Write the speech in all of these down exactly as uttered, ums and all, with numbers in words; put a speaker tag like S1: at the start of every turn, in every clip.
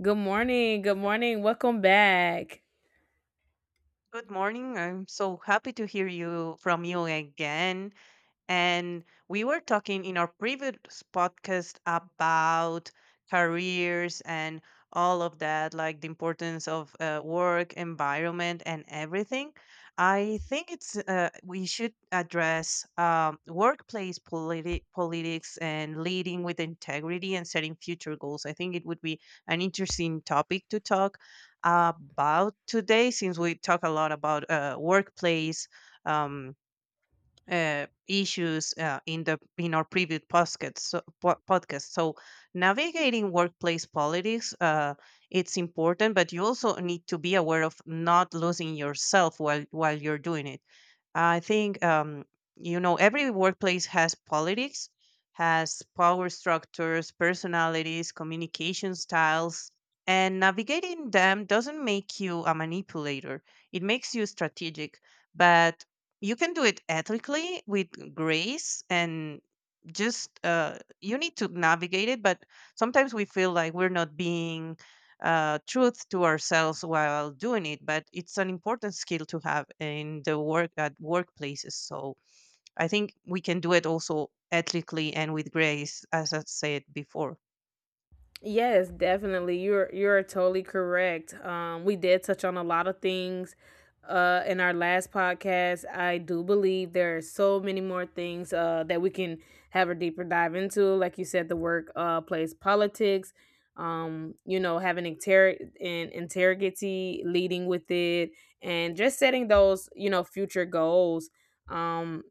S1: Good morning. Good morning. Welcome back.
S2: Good morning. I'm so happy to hear you from you again. And we were talking in our previous podcast about careers and all of that, like the importance of uh, work, environment, and everything. I think it's uh, we should address um, workplace politi- politics and leading with integrity and setting future goals. I think it would be an interesting topic to talk about today, since we talk a lot about uh, workplace. Um, uh, issues uh, in the in our previous podcast so, po- podcast. So navigating workplace politics, uh, it's important, but you also need to be aware of not losing yourself while while you're doing it. I think um, you know every workplace has politics, has power structures, personalities, communication styles, and navigating them doesn't make you a manipulator. It makes you strategic, but you can do it ethically with grace and just uh, you need to navigate it. But sometimes we feel like we're not being uh, truth to ourselves while doing it, but it's an important skill to have in the work at workplaces, so I think we can do it also ethically and with grace, as I said before.
S1: Yes, definitely. You're you're totally correct. Um, we did touch on a lot of things uh in our last podcast. I do believe there are so many more things uh that we can have a deeper dive into. Like you said, the work uh plays politics, um, you know, having inter and integrity, leading with it, and just setting those, you know, future goals. Um,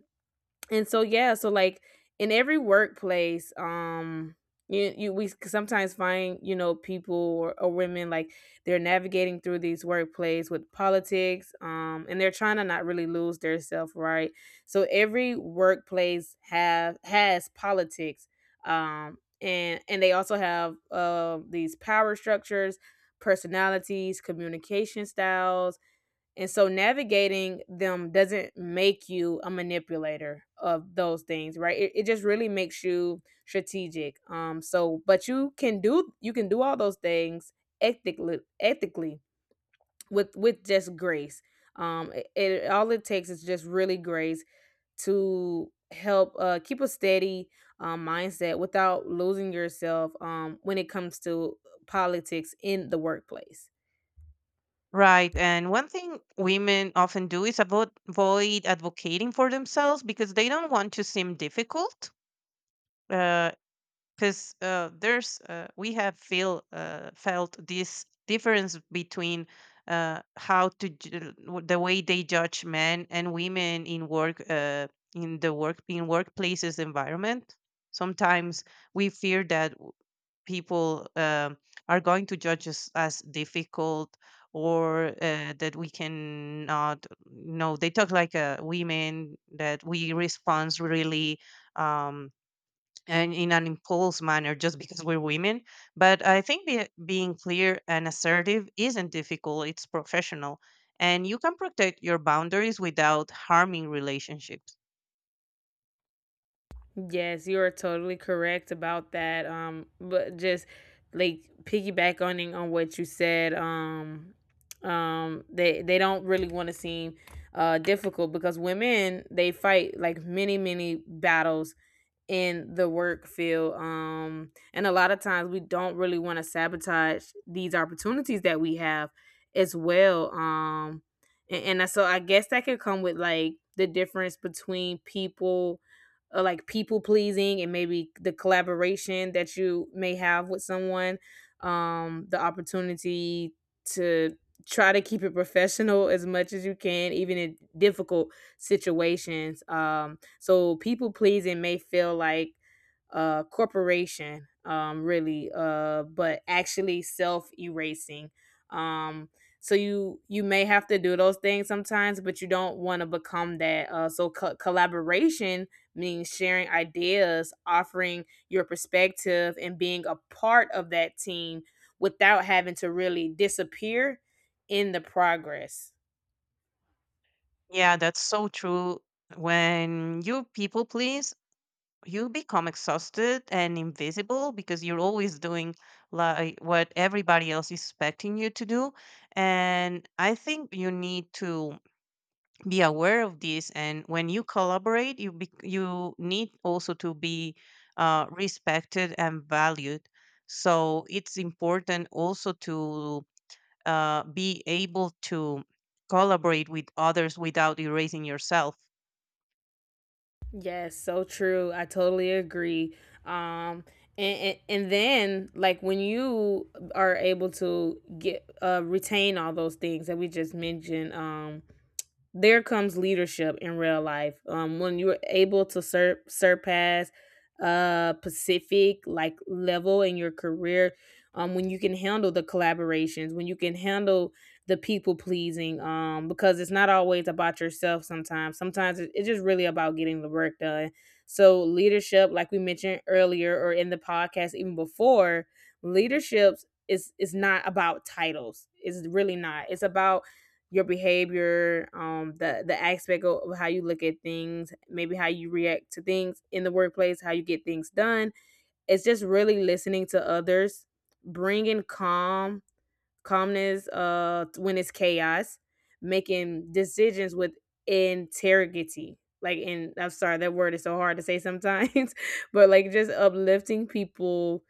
S1: and so yeah so like in every workplace, um you, you we s- sometimes find, you know people or, or women, like, they're navigating through these workplaces with politics, um and they're trying to not really lose their self, right? So every workplace have has politics, um and and they also have uh, these power structures, personalities, communication styles, and so navigating them doesn't make you a manipulator of those things, right? It, it just really makes you strategic. Um so but you can do, you can do all those things, ethically ethically with with just grace. Um it, it All it takes is just really grace to help uh keep a steady, um mindset without losing yourself, um when it comes to politics in the workplace.
S2: Right. And one thing women often do is avo- avoid advocating for themselves because they don't want to seem difficult, uh, because uh, there's uh, we have feel uh, felt this difference between uh, how to ju- w- the way they judge men and women in work uh, in the work in workplaces environment. Sometimes we fear that w- people um are going to judge us as difficult or uh, that we cannot, no, they talk like uh, women that we respond really, um, and in an impulse manner just because we're women. But I think be, being clear and assertive isn't difficult, it's professional. And you can protect your boundaries without harming relationships.
S1: Yes, you are totally correct about that. Um, but just like piggybacking on what you said, um, um, they they don't really want to seem uh difficult, because women, they fight like many many battles in the work field. Um, and a lot of times we don't really want to sabotage these opportunities that we have as well. Um, and, and I- so I guess that could come with, like, the difference between people, uh, like, people pleasing, and maybe the collaboration that you may have with someone, um, the opportunity to try to keep it professional as much as you can, even in difficult situations. Um so people pleasing may feel like, uh, corporation, um, really, uh, but actually self erasing. Um, so you you may have to do those things sometimes, but you don't want to become that. Uh, so co- collaboration means sharing ideas, offering your perspective, and being a part of that team without having to really disappear in the progress.
S2: Yeah, that's so true. When you people please, you become exhausted and invisible because you're always doing like what everybody else is expecting you to do. And I think you need to be aware of this, and when you collaborate you be, you need also to be uh, respected and valued, so it's important also to uh, be able to collaborate with others without erasing yourself.
S1: Yes, so true. I totally agree. Um, and, and and then, like, when you are able to get uh retain all those things that we just mentioned, um, there comes leadership in real life. Um, when you're able to sur- surpass uh Pacific, like, level in your career, um, when you can handle the collaborations, when you can handle the people pleasing, um, because it's not always about yourself. Sometimes, sometimes it- it's just really about getting the work done. So leadership, like we mentioned earlier, or in the podcast even before, leaderships is is not about titles. It's really not. It's about your behavior, um, the the aspect of of how you look at things, maybe how you react to things in the workplace, how you get things done. It's just really listening to others, bringing calm, calmness, uh, when it's chaos, making decisions with integrity. Like, in I'm sorry, that word is so hard to say sometimes, but, like, just uplifting people,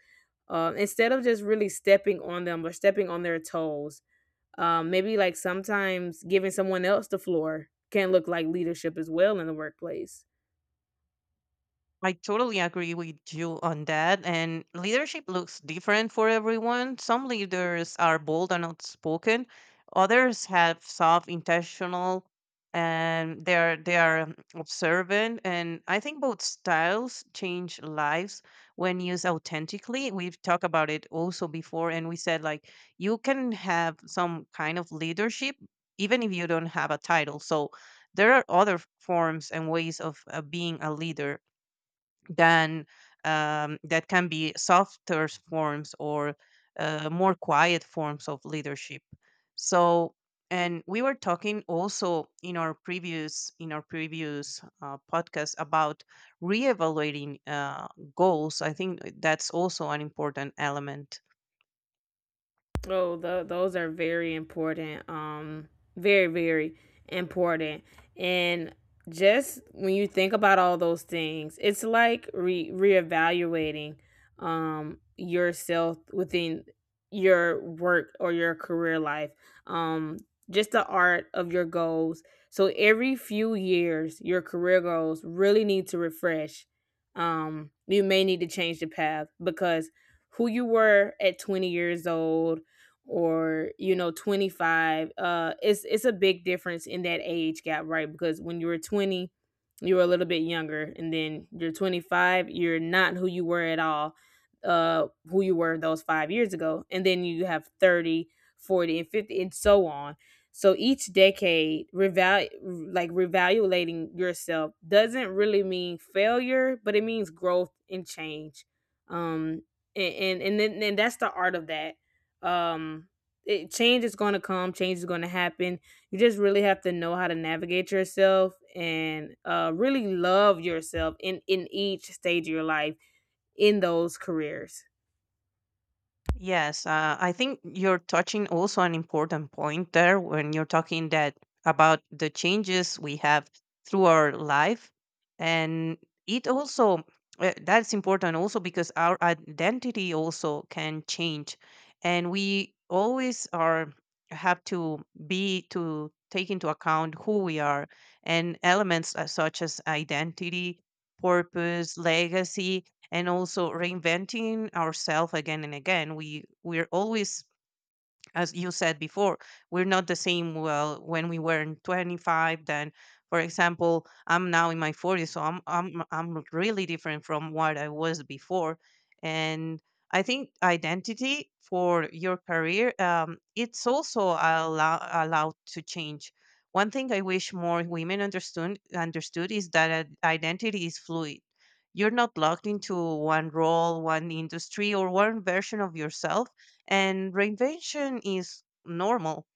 S1: um, instead of just really stepping on them or stepping on their toes, um, maybe, like, sometimes giving someone else the floor can look like leadership as well in the workplace.
S2: I totally agree with you on that. And leadership looks different for everyone. Some leaders are bold and outspoken. Others have soft, intentional, and they are they are um, observant. And I think both styles change lives when used authentically. We've talked about it also before, and we said like you can have some kind of leadership even if you don't have a title. So there are other forms and ways of uh, being a leader than um, that can be softer forms or uh, more quiet forms of leadership. So, and we were talking also in our previous in our previous uh, podcast about reevaluating uh, goals. I think that's also an important element.
S1: Oh, th- those are very important. Um, very, very important. And just when you think about all those things, it's like re reevaluating, um yourself within your work or your career life. Um, just the art of your goals. So every few years, your career goals really need to refresh. Um, you may need to change the path, because who you were at twenty years old or, you know, twenty-five, uh it's it's a big difference in that age gap, right? Because when you were twenty, you were a little bit younger, and then you're twenty-five, you're not who you were at all, uh who you were those five years ago. And then you have thirty, forty, and fifty, and so on. So each decade, reval like revaluating yourself doesn't really mean failure, but it means growth and change. Um and and and, then, and that's the art of that. um it, Change is going to come, change is going to happen. You just really have to know how to navigate yourself, and uh really love yourself in in each stage of your life, in those careers.
S2: Yes, uh, I think you're touching also an important point there when you're talking that about the changes we have through our life, and it also uh, that's important also because our identity also can change, and we always are have to be to take into account who we are, and elements uh, such as identity, purpose, legacy, and also reinventing ourselves again and again. We we're always, as you said before, we're not the same well when we were in twenty-five, then for example, I'm now in my forties, so I'm I'm I'm really different from what I was before. And I think identity for your career, um, it's also allow, allowed to change. One thing I wish more women understood understood is that ad- identity is fluid. You're not locked into one role, one industry, or one version of yourself, and reinvention is normal.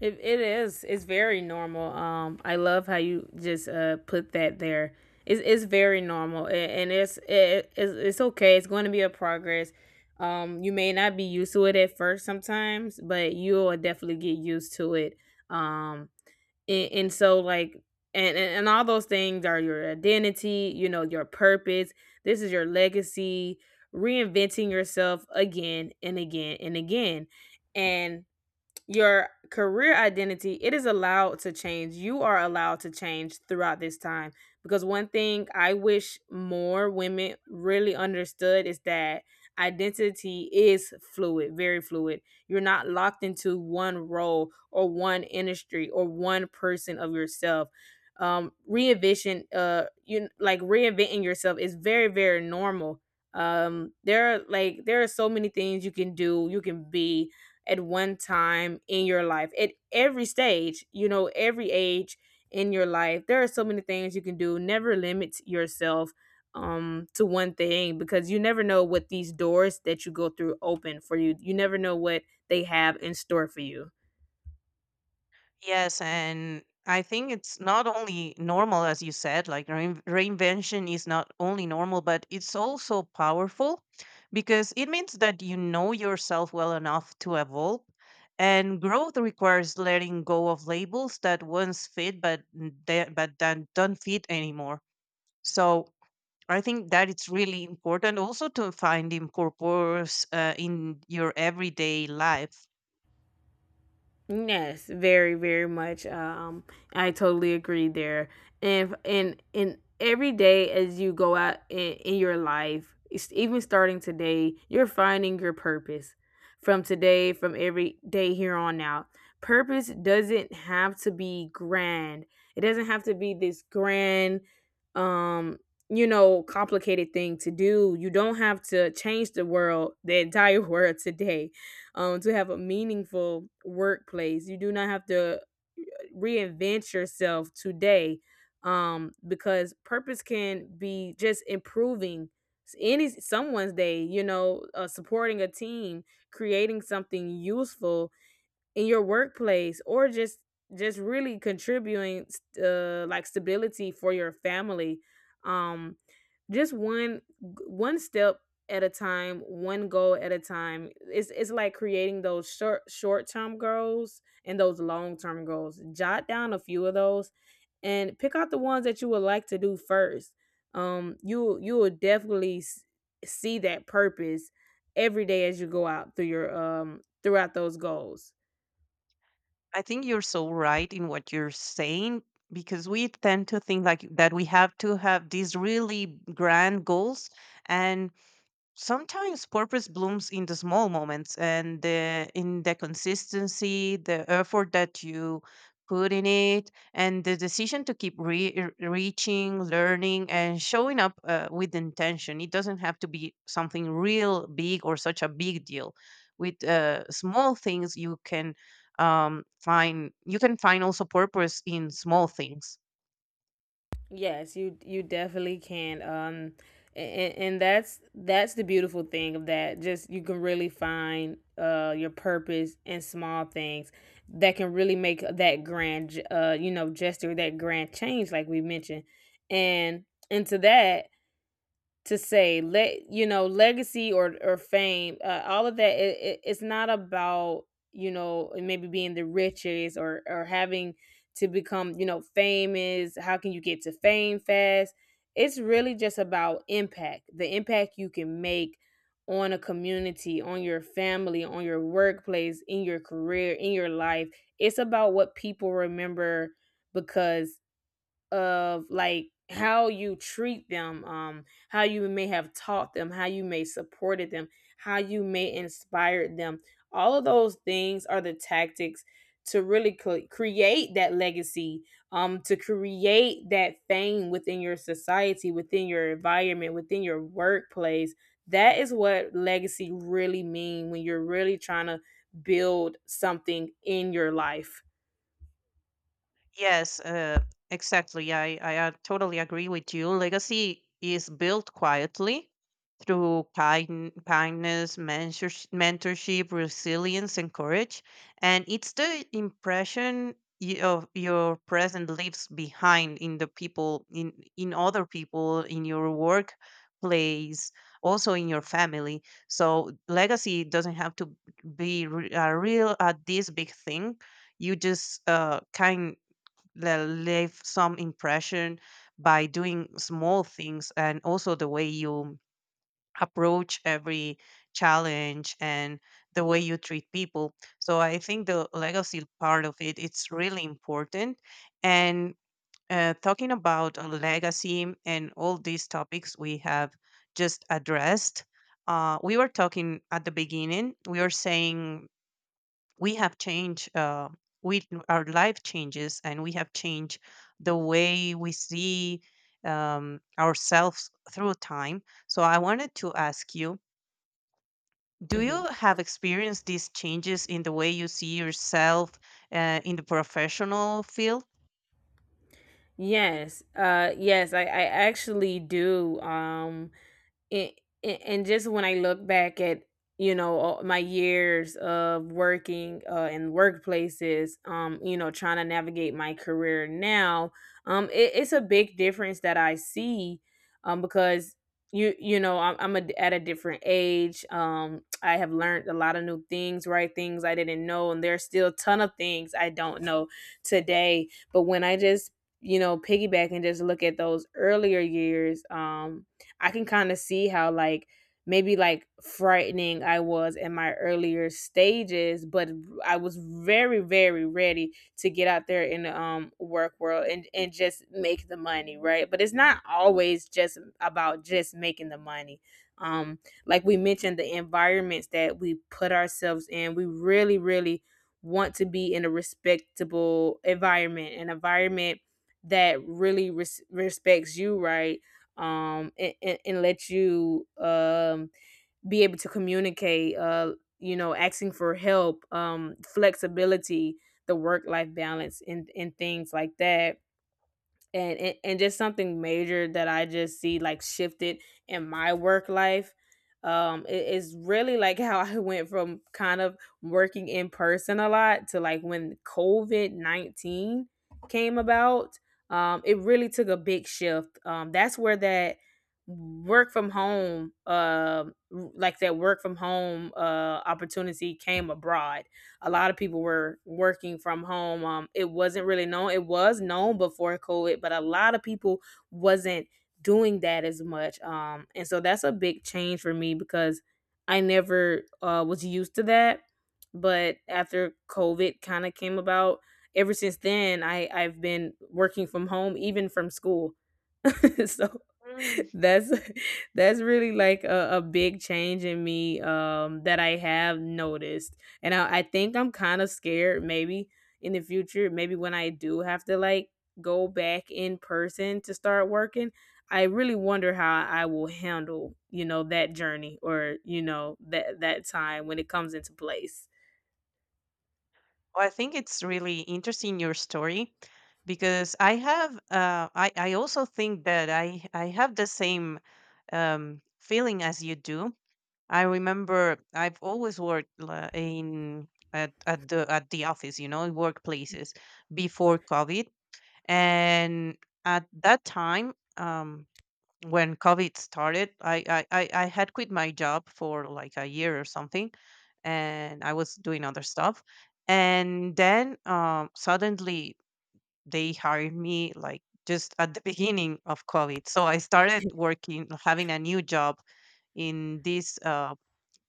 S1: it, it is It's very normal. um I love how you just uh put that there. It's, it's very normal, a- and it's it, it's, it's okay. It's going to be a progress. Um you may not be used to it at first sometimes, but you'll definitely get used to it. Um and, and so like and, and and all those things are your identity, you know, your purpose. This is your legacy, reinventing yourself again and again and again. And your career identity, it is allowed to change. You are allowed to change throughout this time, because one thing I wish more women really understood is that identity is fluid, very fluid. You're not locked into one role, or one industry, or one person of yourself. Um reinvention, uh you like reinventing yourself is very, very normal. Um there are like there are so many things you can do. You can be at one time in your life, at every stage, you know, every age in your life. There are so many things you can do. Never limit yourself um to one thing, because you never know what these doors that you go through open for you. You never know what they have in store for you.
S2: Yes, and I think it's not only normal, as you said, like rein- reinvention is not only normal but it's also powerful, because it means that you know yourself well enough to evolve, and growth requires letting go of labels that once fit but n- that- but that don't fit anymore. So I think that it's really important also to find in purpose uh, in your everyday life.
S1: Yes, very, very much. uh, Um, I totally agree there. And and and every day as you go out in, in your life, it's even starting today, you're finding your purpose. From today, from every day here on out, purpose doesn't have to be grand. It doesn't have to be this grand, um, you know, complicated thing to do. You don't have to change the world, the entire world today, um, to have a meaningful workplace. You do not have to reinvent yourself today, um, because purpose can be just improving any someone's day, you know, uh, supporting a team, creating something useful in your workplace, or just just really contributing, uh, like, stability for your family. um just one one step at a time, one goal at a time. It's it's like creating those short short-term goals and those long-term goals. Jot down a few of those, and pick out the ones that you would like to do first. um you you will definitely s- see that purpose every day as you go out through your, um throughout those goals.
S2: I think you're so right in what you're saying, because we tend to think like that we have to have these really grand goals, and sometimes purpose blooms in the small moments and the, in the consistency, the effort that you put in it, and the decision to keep re- er, reaching, learning, and showing up uh, with intention. It doesn't have to be something real big or such a big deal. With uh, small things you can, um, find you can find also purpose in small things.
S1: Yes, you you definitely can. Um, and, and that's that's the beautiful thing of that. Just you can really find uh your purpose in small things that can really make that grand, uh you know gesture, that grand change, like we mentioned. And into that, to say, let you know, legacy or or fame, uh, all of that, it, it, it's not about, you know, maybe being the richest, or or having to become, you know, famous. How can you get to fame fast? It's really just about impact, the impact you can make on a community, on your family, on your workplace, in your career, in your life. It's about what people remember, because of, like, how you treat them, um, how you may have taught them, how you may supported them, how you may inspired them. All of those things are the tactics to really cre- create that legacy, um, to create that fame within your society, within your environment, within your workplace. That is what legacy really mean when you're really trying to build something in your life.
S2: Yes, uh, exactly. I, I uh, totally agree with you. Legacy is built quietly through kind, kindness, mentorsh- mentorship, resilience, and courage. And it's the impression y- of your present leaves behind in the people, in, in other people, in your workplace, also in your family. So legacy doesn't have to be re- a real, uh, this big thing. You just uh, kind le- leave some impression by doing small things, and also the way you approach every challenge and the way you treat people. So I think the legacy part of it, it's really important. And uh, talking about a legacy and all these topics we have just addressed, uh, we were talking at the beginning, we were saying we have changed, uh, we our life changes and we have changed the way we see um, ourselves through time. So I wanted to ask you, do
S1: Mhm.
S2: you have experienced these changes in the way you see yourself uh, in the professional field?
S1: Yes. Uh yes, I I actually do. Um it, it and just when I look back at, you know, all my years of working, uh, in workplaces, um, you know, trying to navigate my career now, um, it, it's a big difference that I see, um, because you you know, I'm, I'm a, at a different age. Um, I have learned a lot of new things, right? Things I didn't know, and there's still a ton of things I don't know today. But when I just, you know, piggyback and just look at those earlier years, um, I can kind of see how, like, maybe, like, frightening I was in my earlier stages. But I was very very ready to get out there in the um work world, and and just make the money, right? But it's not always just about just making the money. Um like we mentioned, the environments that we put ourselves in, we really really want to be in a respectable environment, an environment that really res- respects you, right? um and, and, and let you um be able to communicate uh you know asking for help um flexibility, the work life balance, and and things like that. And, and and just something major that I just see like shifted in my work life. Um it is really like how I went from kind of working in person a lot to, like, when COVID nineteen came about. Um it really took a big shift. Um that's where that work from home, um like that work from home uh opportunity came abroad. A lot of people were working from home. Um, it wasn't really known. It was known before COVID, but a lot of people wasn't doing that as much. Um, and so that's a big change for me because I never uh, was used to that. But after COVID kind of came about, ever since then, I I've been working from home, even from school. So
S2: Mm.
S1: that's that's really like a, a big change in me um that I have noticed. And I, I think I'm kind of scared maybe in the future, maybe when I do have to, like, go back in person to start working. I really wonder how I will handle, you know, that journey, or, you know, that that time when it comes into place.
S2: Well, I think it's really interesting your story, because i have uh, I, I also think that i i have the same um, feeling as you do. I remember I've always worked la- in at, at the at the office, you know, in workplaces before COVID. And at that time, um, when COVID started, I, I I I had quit my job for like a year or something, and I was doing other stuff. And then um, suddenly they hired me like just at the beginning of COVID. So I started working, having a new job in this. Um,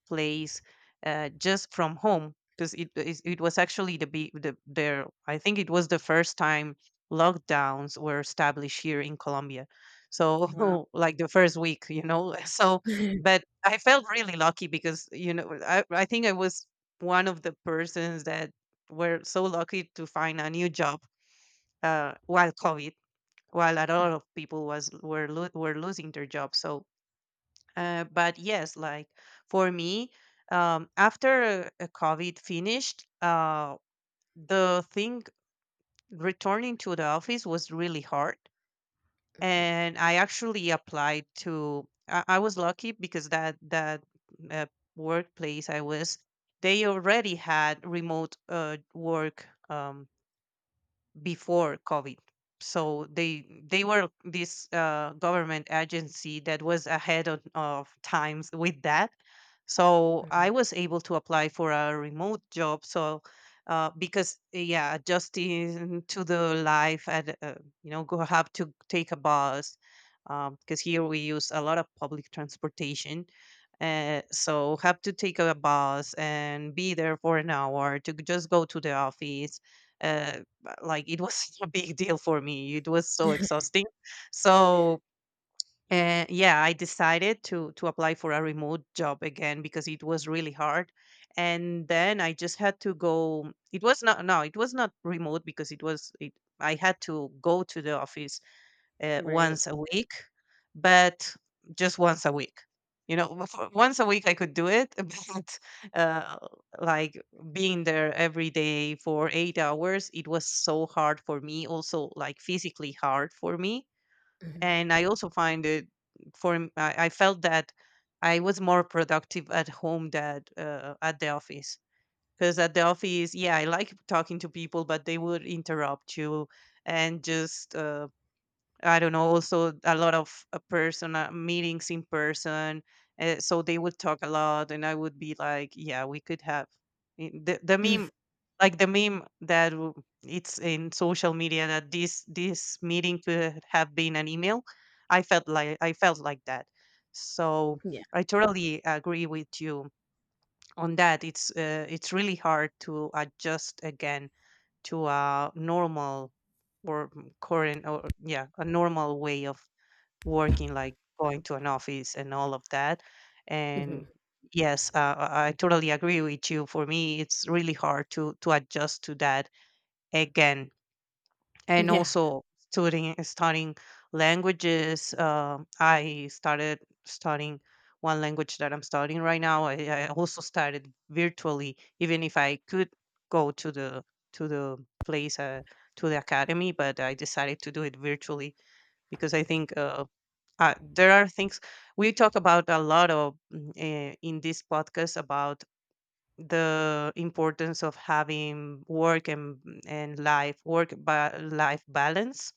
S2: plays uh, just from home because it, it it was actually the be the there, I think it was the first time lockdowns were established here in Colombia. So
S1: Wow.
S2: like the first week, you know. So but I felt really lucky because you know I I think I was one of the persons that were so lucky to find a new job uh, while COVID, while a lot of people was were lo- were losing their jobs. So uh, but yes, like for me, um, after uh, COVID finished, uh, the thing returning to the office was really hard, and I actually applied to. I, I was lucky because that that uh, workplace I was, they already had remote uh, work. Um, before COVID. So they they were this uh, government agency that was ahead of, of times with that. So
S1: Mhm.
S2: I was able to apply for a remote job. So uh, because yeah, adjusting to the life and uh, you know go have to take a bus, because here we use a lot of public transportation. Uh, so have to take a bus and be there for an hour to just go to the office, uh, like it was a big deal for me. It was so exhausting. So uh, yeah, I decided to to apply for a remote job again because it was really hard. And then I just had to go. It was not no, it was not remote because it was it. I had to go to the office uh,
S1: Right.
S2: once a week, but just once a week. You know, w- for- once a week I could do it, but uh, like being there every day for eight hours, it was so hard for me. Also, like physically hard for me,
S1: Mhm.
S2: and I also find it for m- I, I felt that I was more productive at home than uh, at the office. Because at the office, yeah, I like talking to people, but they would interrupt you and just uh, I don't know, also a lot of uh, person uh, meetings in person. Uh, so they would talk a lot, and I would be like, "Yeah, we could have i- the the meme, like the meme that w- it's in social media that this this meeting could have been an email." I felt like I felt like that. So
S1: Yeah.
S2: I totally agree with you on that. It's uh, it's really hard to adjust again to a normal or m- current or yeah a normal way of working, like going to an office and all of that.
S1: Hmm.
S2: And yes, uh, i I totally agree with you. For me it's really hard to to adjust to that again. And
S1: Yeah.
S2: also studying studying languages. Uh, I started studying one language that I'm studying right now. I, I also started virtually, even if I could go to the to the place uh, to the academy, but I decided to do it virtually because I think. Uh, uh, there are things we talk about a lot of mm, eh, in this podcast about the importance of having work and and life work ba- life balance.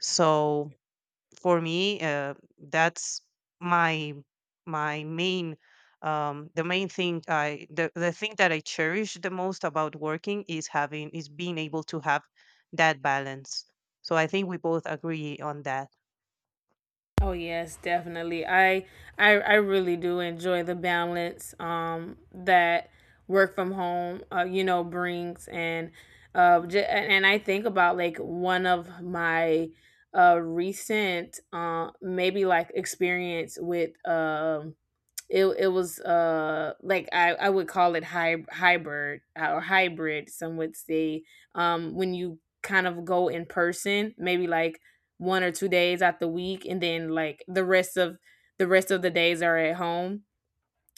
S2: So for me, uh, that's my my main um, the main thing. I the, the thing that I cherish the most about working is having is being able to have that balance. So I think we both agree on that.
S1: Oh yes, definitely. I I I really do enjoy the balance um that work from home uh, you know brings, and uh j- and and I think about, like, one of my uh recent uh maybe like experience with um it it was uh like I I would call it hy- hybrid, uh, or hybrid. Some would say um when you kind of go in person, maybe like one or two days out the week, and then like the rest of the rest of the days are at home.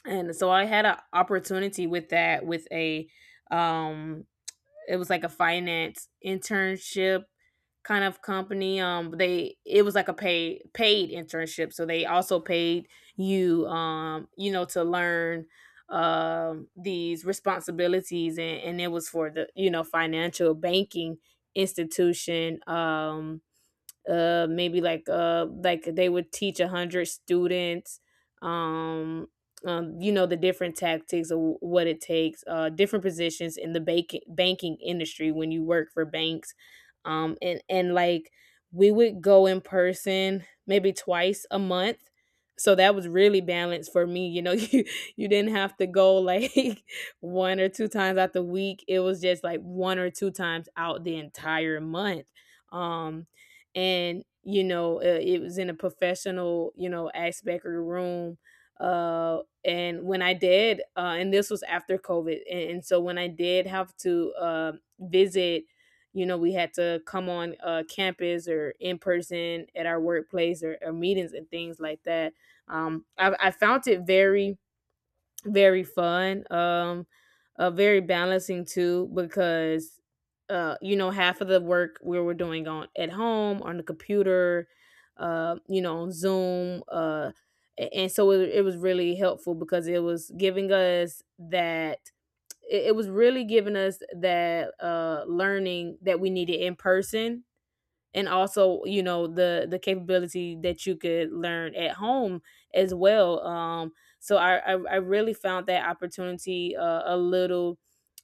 S1: And so I had an opportunity with that, with a um it was like a finance internship kind of company. Um, they It was like a paid paid internship, so they also paid you um you know to learn um these responsibilities, and and it was for the you know financial banking institution. Um uh maybe like uh like they would teach a hundred students. um um you know the different tactics of what it takes, uh different positions in the banking banking industry when you work for banks. Um and and like we would go in person maybe twice a month, so that was really balanced for me, you know. you you didn't have to go like one or two times out the week. It was just like one or two times out the entire month. Um and you know uh, it was in a professional, you know aspect of the room. Uh and when I did uh and this was after COVID — and, and so when I did have to uh visit you know, we had to come on uh campus or in person at our workplace, or, or meetings and things like that. um I, I found it very very fun. Um uh very balancing too, because uh you know, half of the work we were doing on at home on the computer, uh you know, on Zoom. Uh a- and so it, it was really helpful because it was giving us that — it, it was really giving us that uh learning that we needed in person, and also, you know, the the capability that you could learn at home as well. Um so i i, I really found that opportunity uh, a little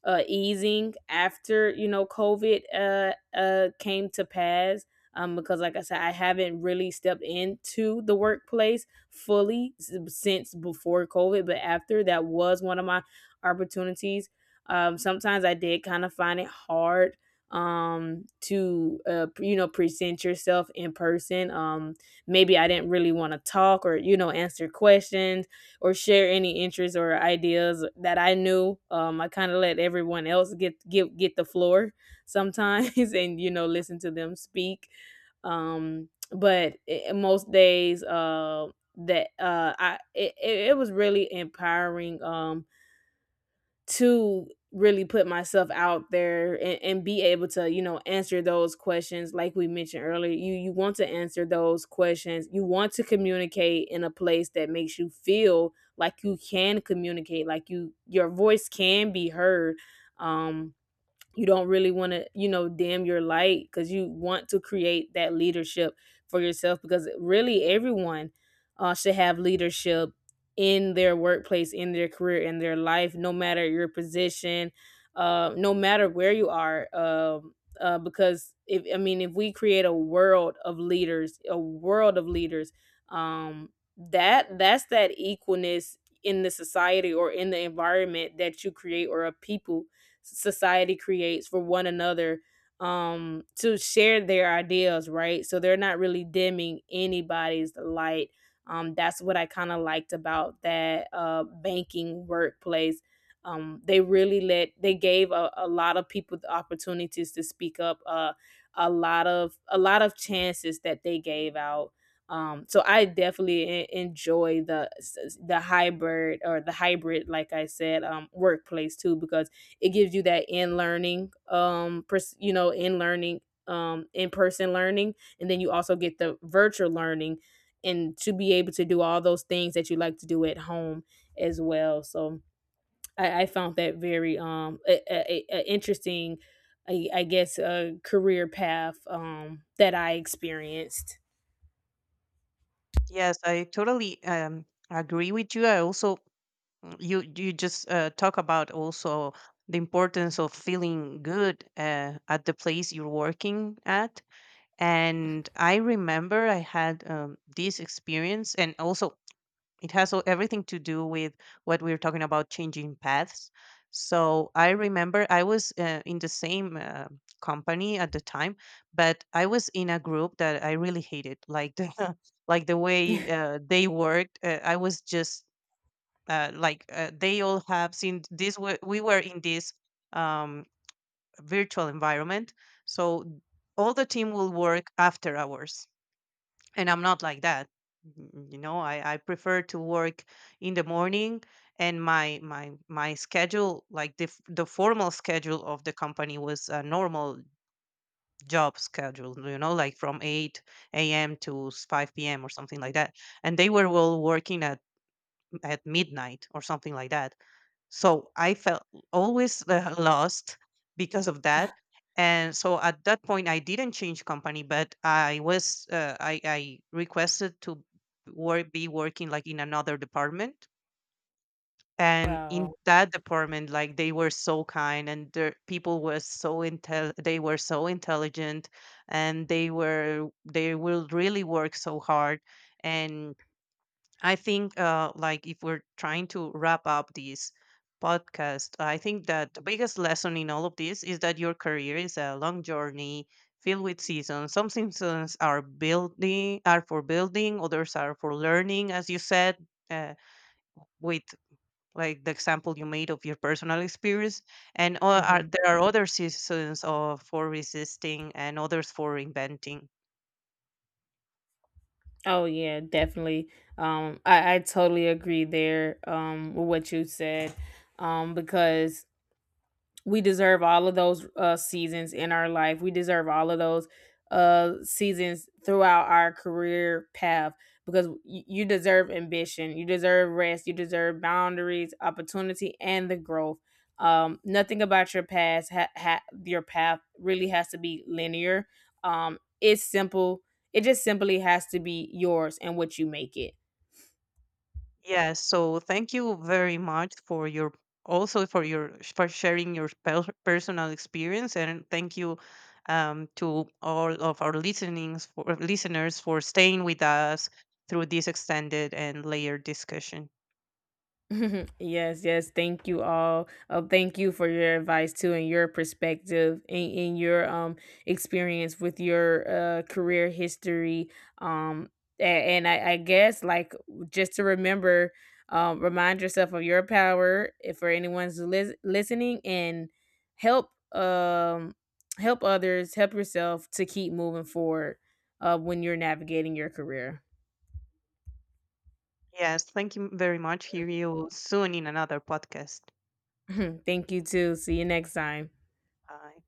S1: uh easing after, you know, COVID uh uh came to pass. Um because like I said, I haven't really stepped into the workplace fully s- since before COVID, but after that was one of my opportunities. Um sometimes I did kind of find it hard um to uh you know present yourself in person. Um maybe I didn't really want to talk, or, you know, answer questions, or share any interests or ideas that I knew. um I kind of let everyone else get get get the floor sometimes and, you know, listen to them speak. Um but I, most days uh that uh I it, it it was really empowering, um to really put myself out there, and, and be able to, you know, answer those questions. Like we mentioned earlier, you you want to answer those questions, you want to communicate in a place that makes you feel like you can communicate, like you — your voice can be heard. um you don't really want to, you know, dim your light, because you want to create that leadership for yourself, because really everyone uh, should have leadership in their workplace, in their career, in their life, no matter your position, uh, no matter where you are. Um, uh, because if I mean if we create a world of leaders, a world of leaders, um, that — that's that equalness in the society, or in the environment that you create, or a people society creates for one another, um to share their ideas, right? So they're not really dimming anybody's light. Um that's what I kind of liked about that uh banking workplace. Um they really let they gave a, a lot of people the opportunities to speak up, uh a lot of a lot of chances that they gave out. Um so I definitely e- enjoy the — the hybrid or the hybrid, like I said, um workplace too, because it gives you that in learning, um pers- you know in learning, um in person learning, and then you also get the virtual learning, and to be able to do all those things that you like to do at home as well. So i, I found that very um a, a, a interesting — I, I guess a career path um that I experienced.
S2: Yes, I totally um, agree with you. I also, mm, you you just uh, talk about also the importance of feeling good uh, at the place you're working at. And I remember I had um, this experience, and also it has o- everything to do with what we are talking about changing paths. So I remember I was uh, in the same uh, company at the time, but I was in a group that I really hated, like the like the way uh, they worked. Uh, I was just uh, like uh, they all have seen this. We, we were in this um, virtual environment. So all the team will work after hours, and I'm not like that. Mm, you know, i, I prefer to work in the morning, and my my my schedule, like the, f- the formal schedule of the company was a normal job schedule, you know, like from eight a.m to s- five p.m or something like that, and they were all working at at midnight or something like that. So I felt always uh, lost because of that. And so at that point, I didn't change company, but I was uh, I, I requested to work, be working like in another department. And
S1: Wow.
S2: in that department, like they were so kind, and their people were so intel, they were so intelligent, and they were they will really work so hard. And I think, uh, like, if we're trying to wrap up this podcast, I think that the biggest lesson in all of this is that your career is a long journey filled with seasons. Some seasons are building, are for building, others are for learning, as you said, uh, with like the example you made of your personal experience, and o- are,
S1: Hmm.
S2: there are other seasons of for resisting and others for inventing.
S1: Oh yeah, definitely. um I, I totally agree there um with what you said, um because we deserve all of those uh, seasons in our life. We deserve all of those uh, seasons throughout our career path, because y- you deserve ambition, you deserve rest, you deserve boundaries, opportunity, and the growth. Um, nothing about your past, ha- ha- your path really has to be linear. Um, it's simple. It just simply has to be yours and what you make it.
S2: Yes. So thank you very much for your, also for your, for sharing your pe- personal experience. And thank you um, to all of our listenings, for listeners for staying with us through this extended and layered discussion.
S1: Yes, yes. Thank you all. Uh, thank you for your advice too, and your perspective, and, and your um experience with your uh career history. Um, a- and, I, I guess, like, just to remember, um, remind yourself of your power, if for anyone's lis- listening. And help um help others, help yourself to keep moving forward, Uh, when you're navigating your career.
S2: Yes, thank you very much. Hear you soon in another podcast.
S1: Thank you too. See you next time.
S2: Bye.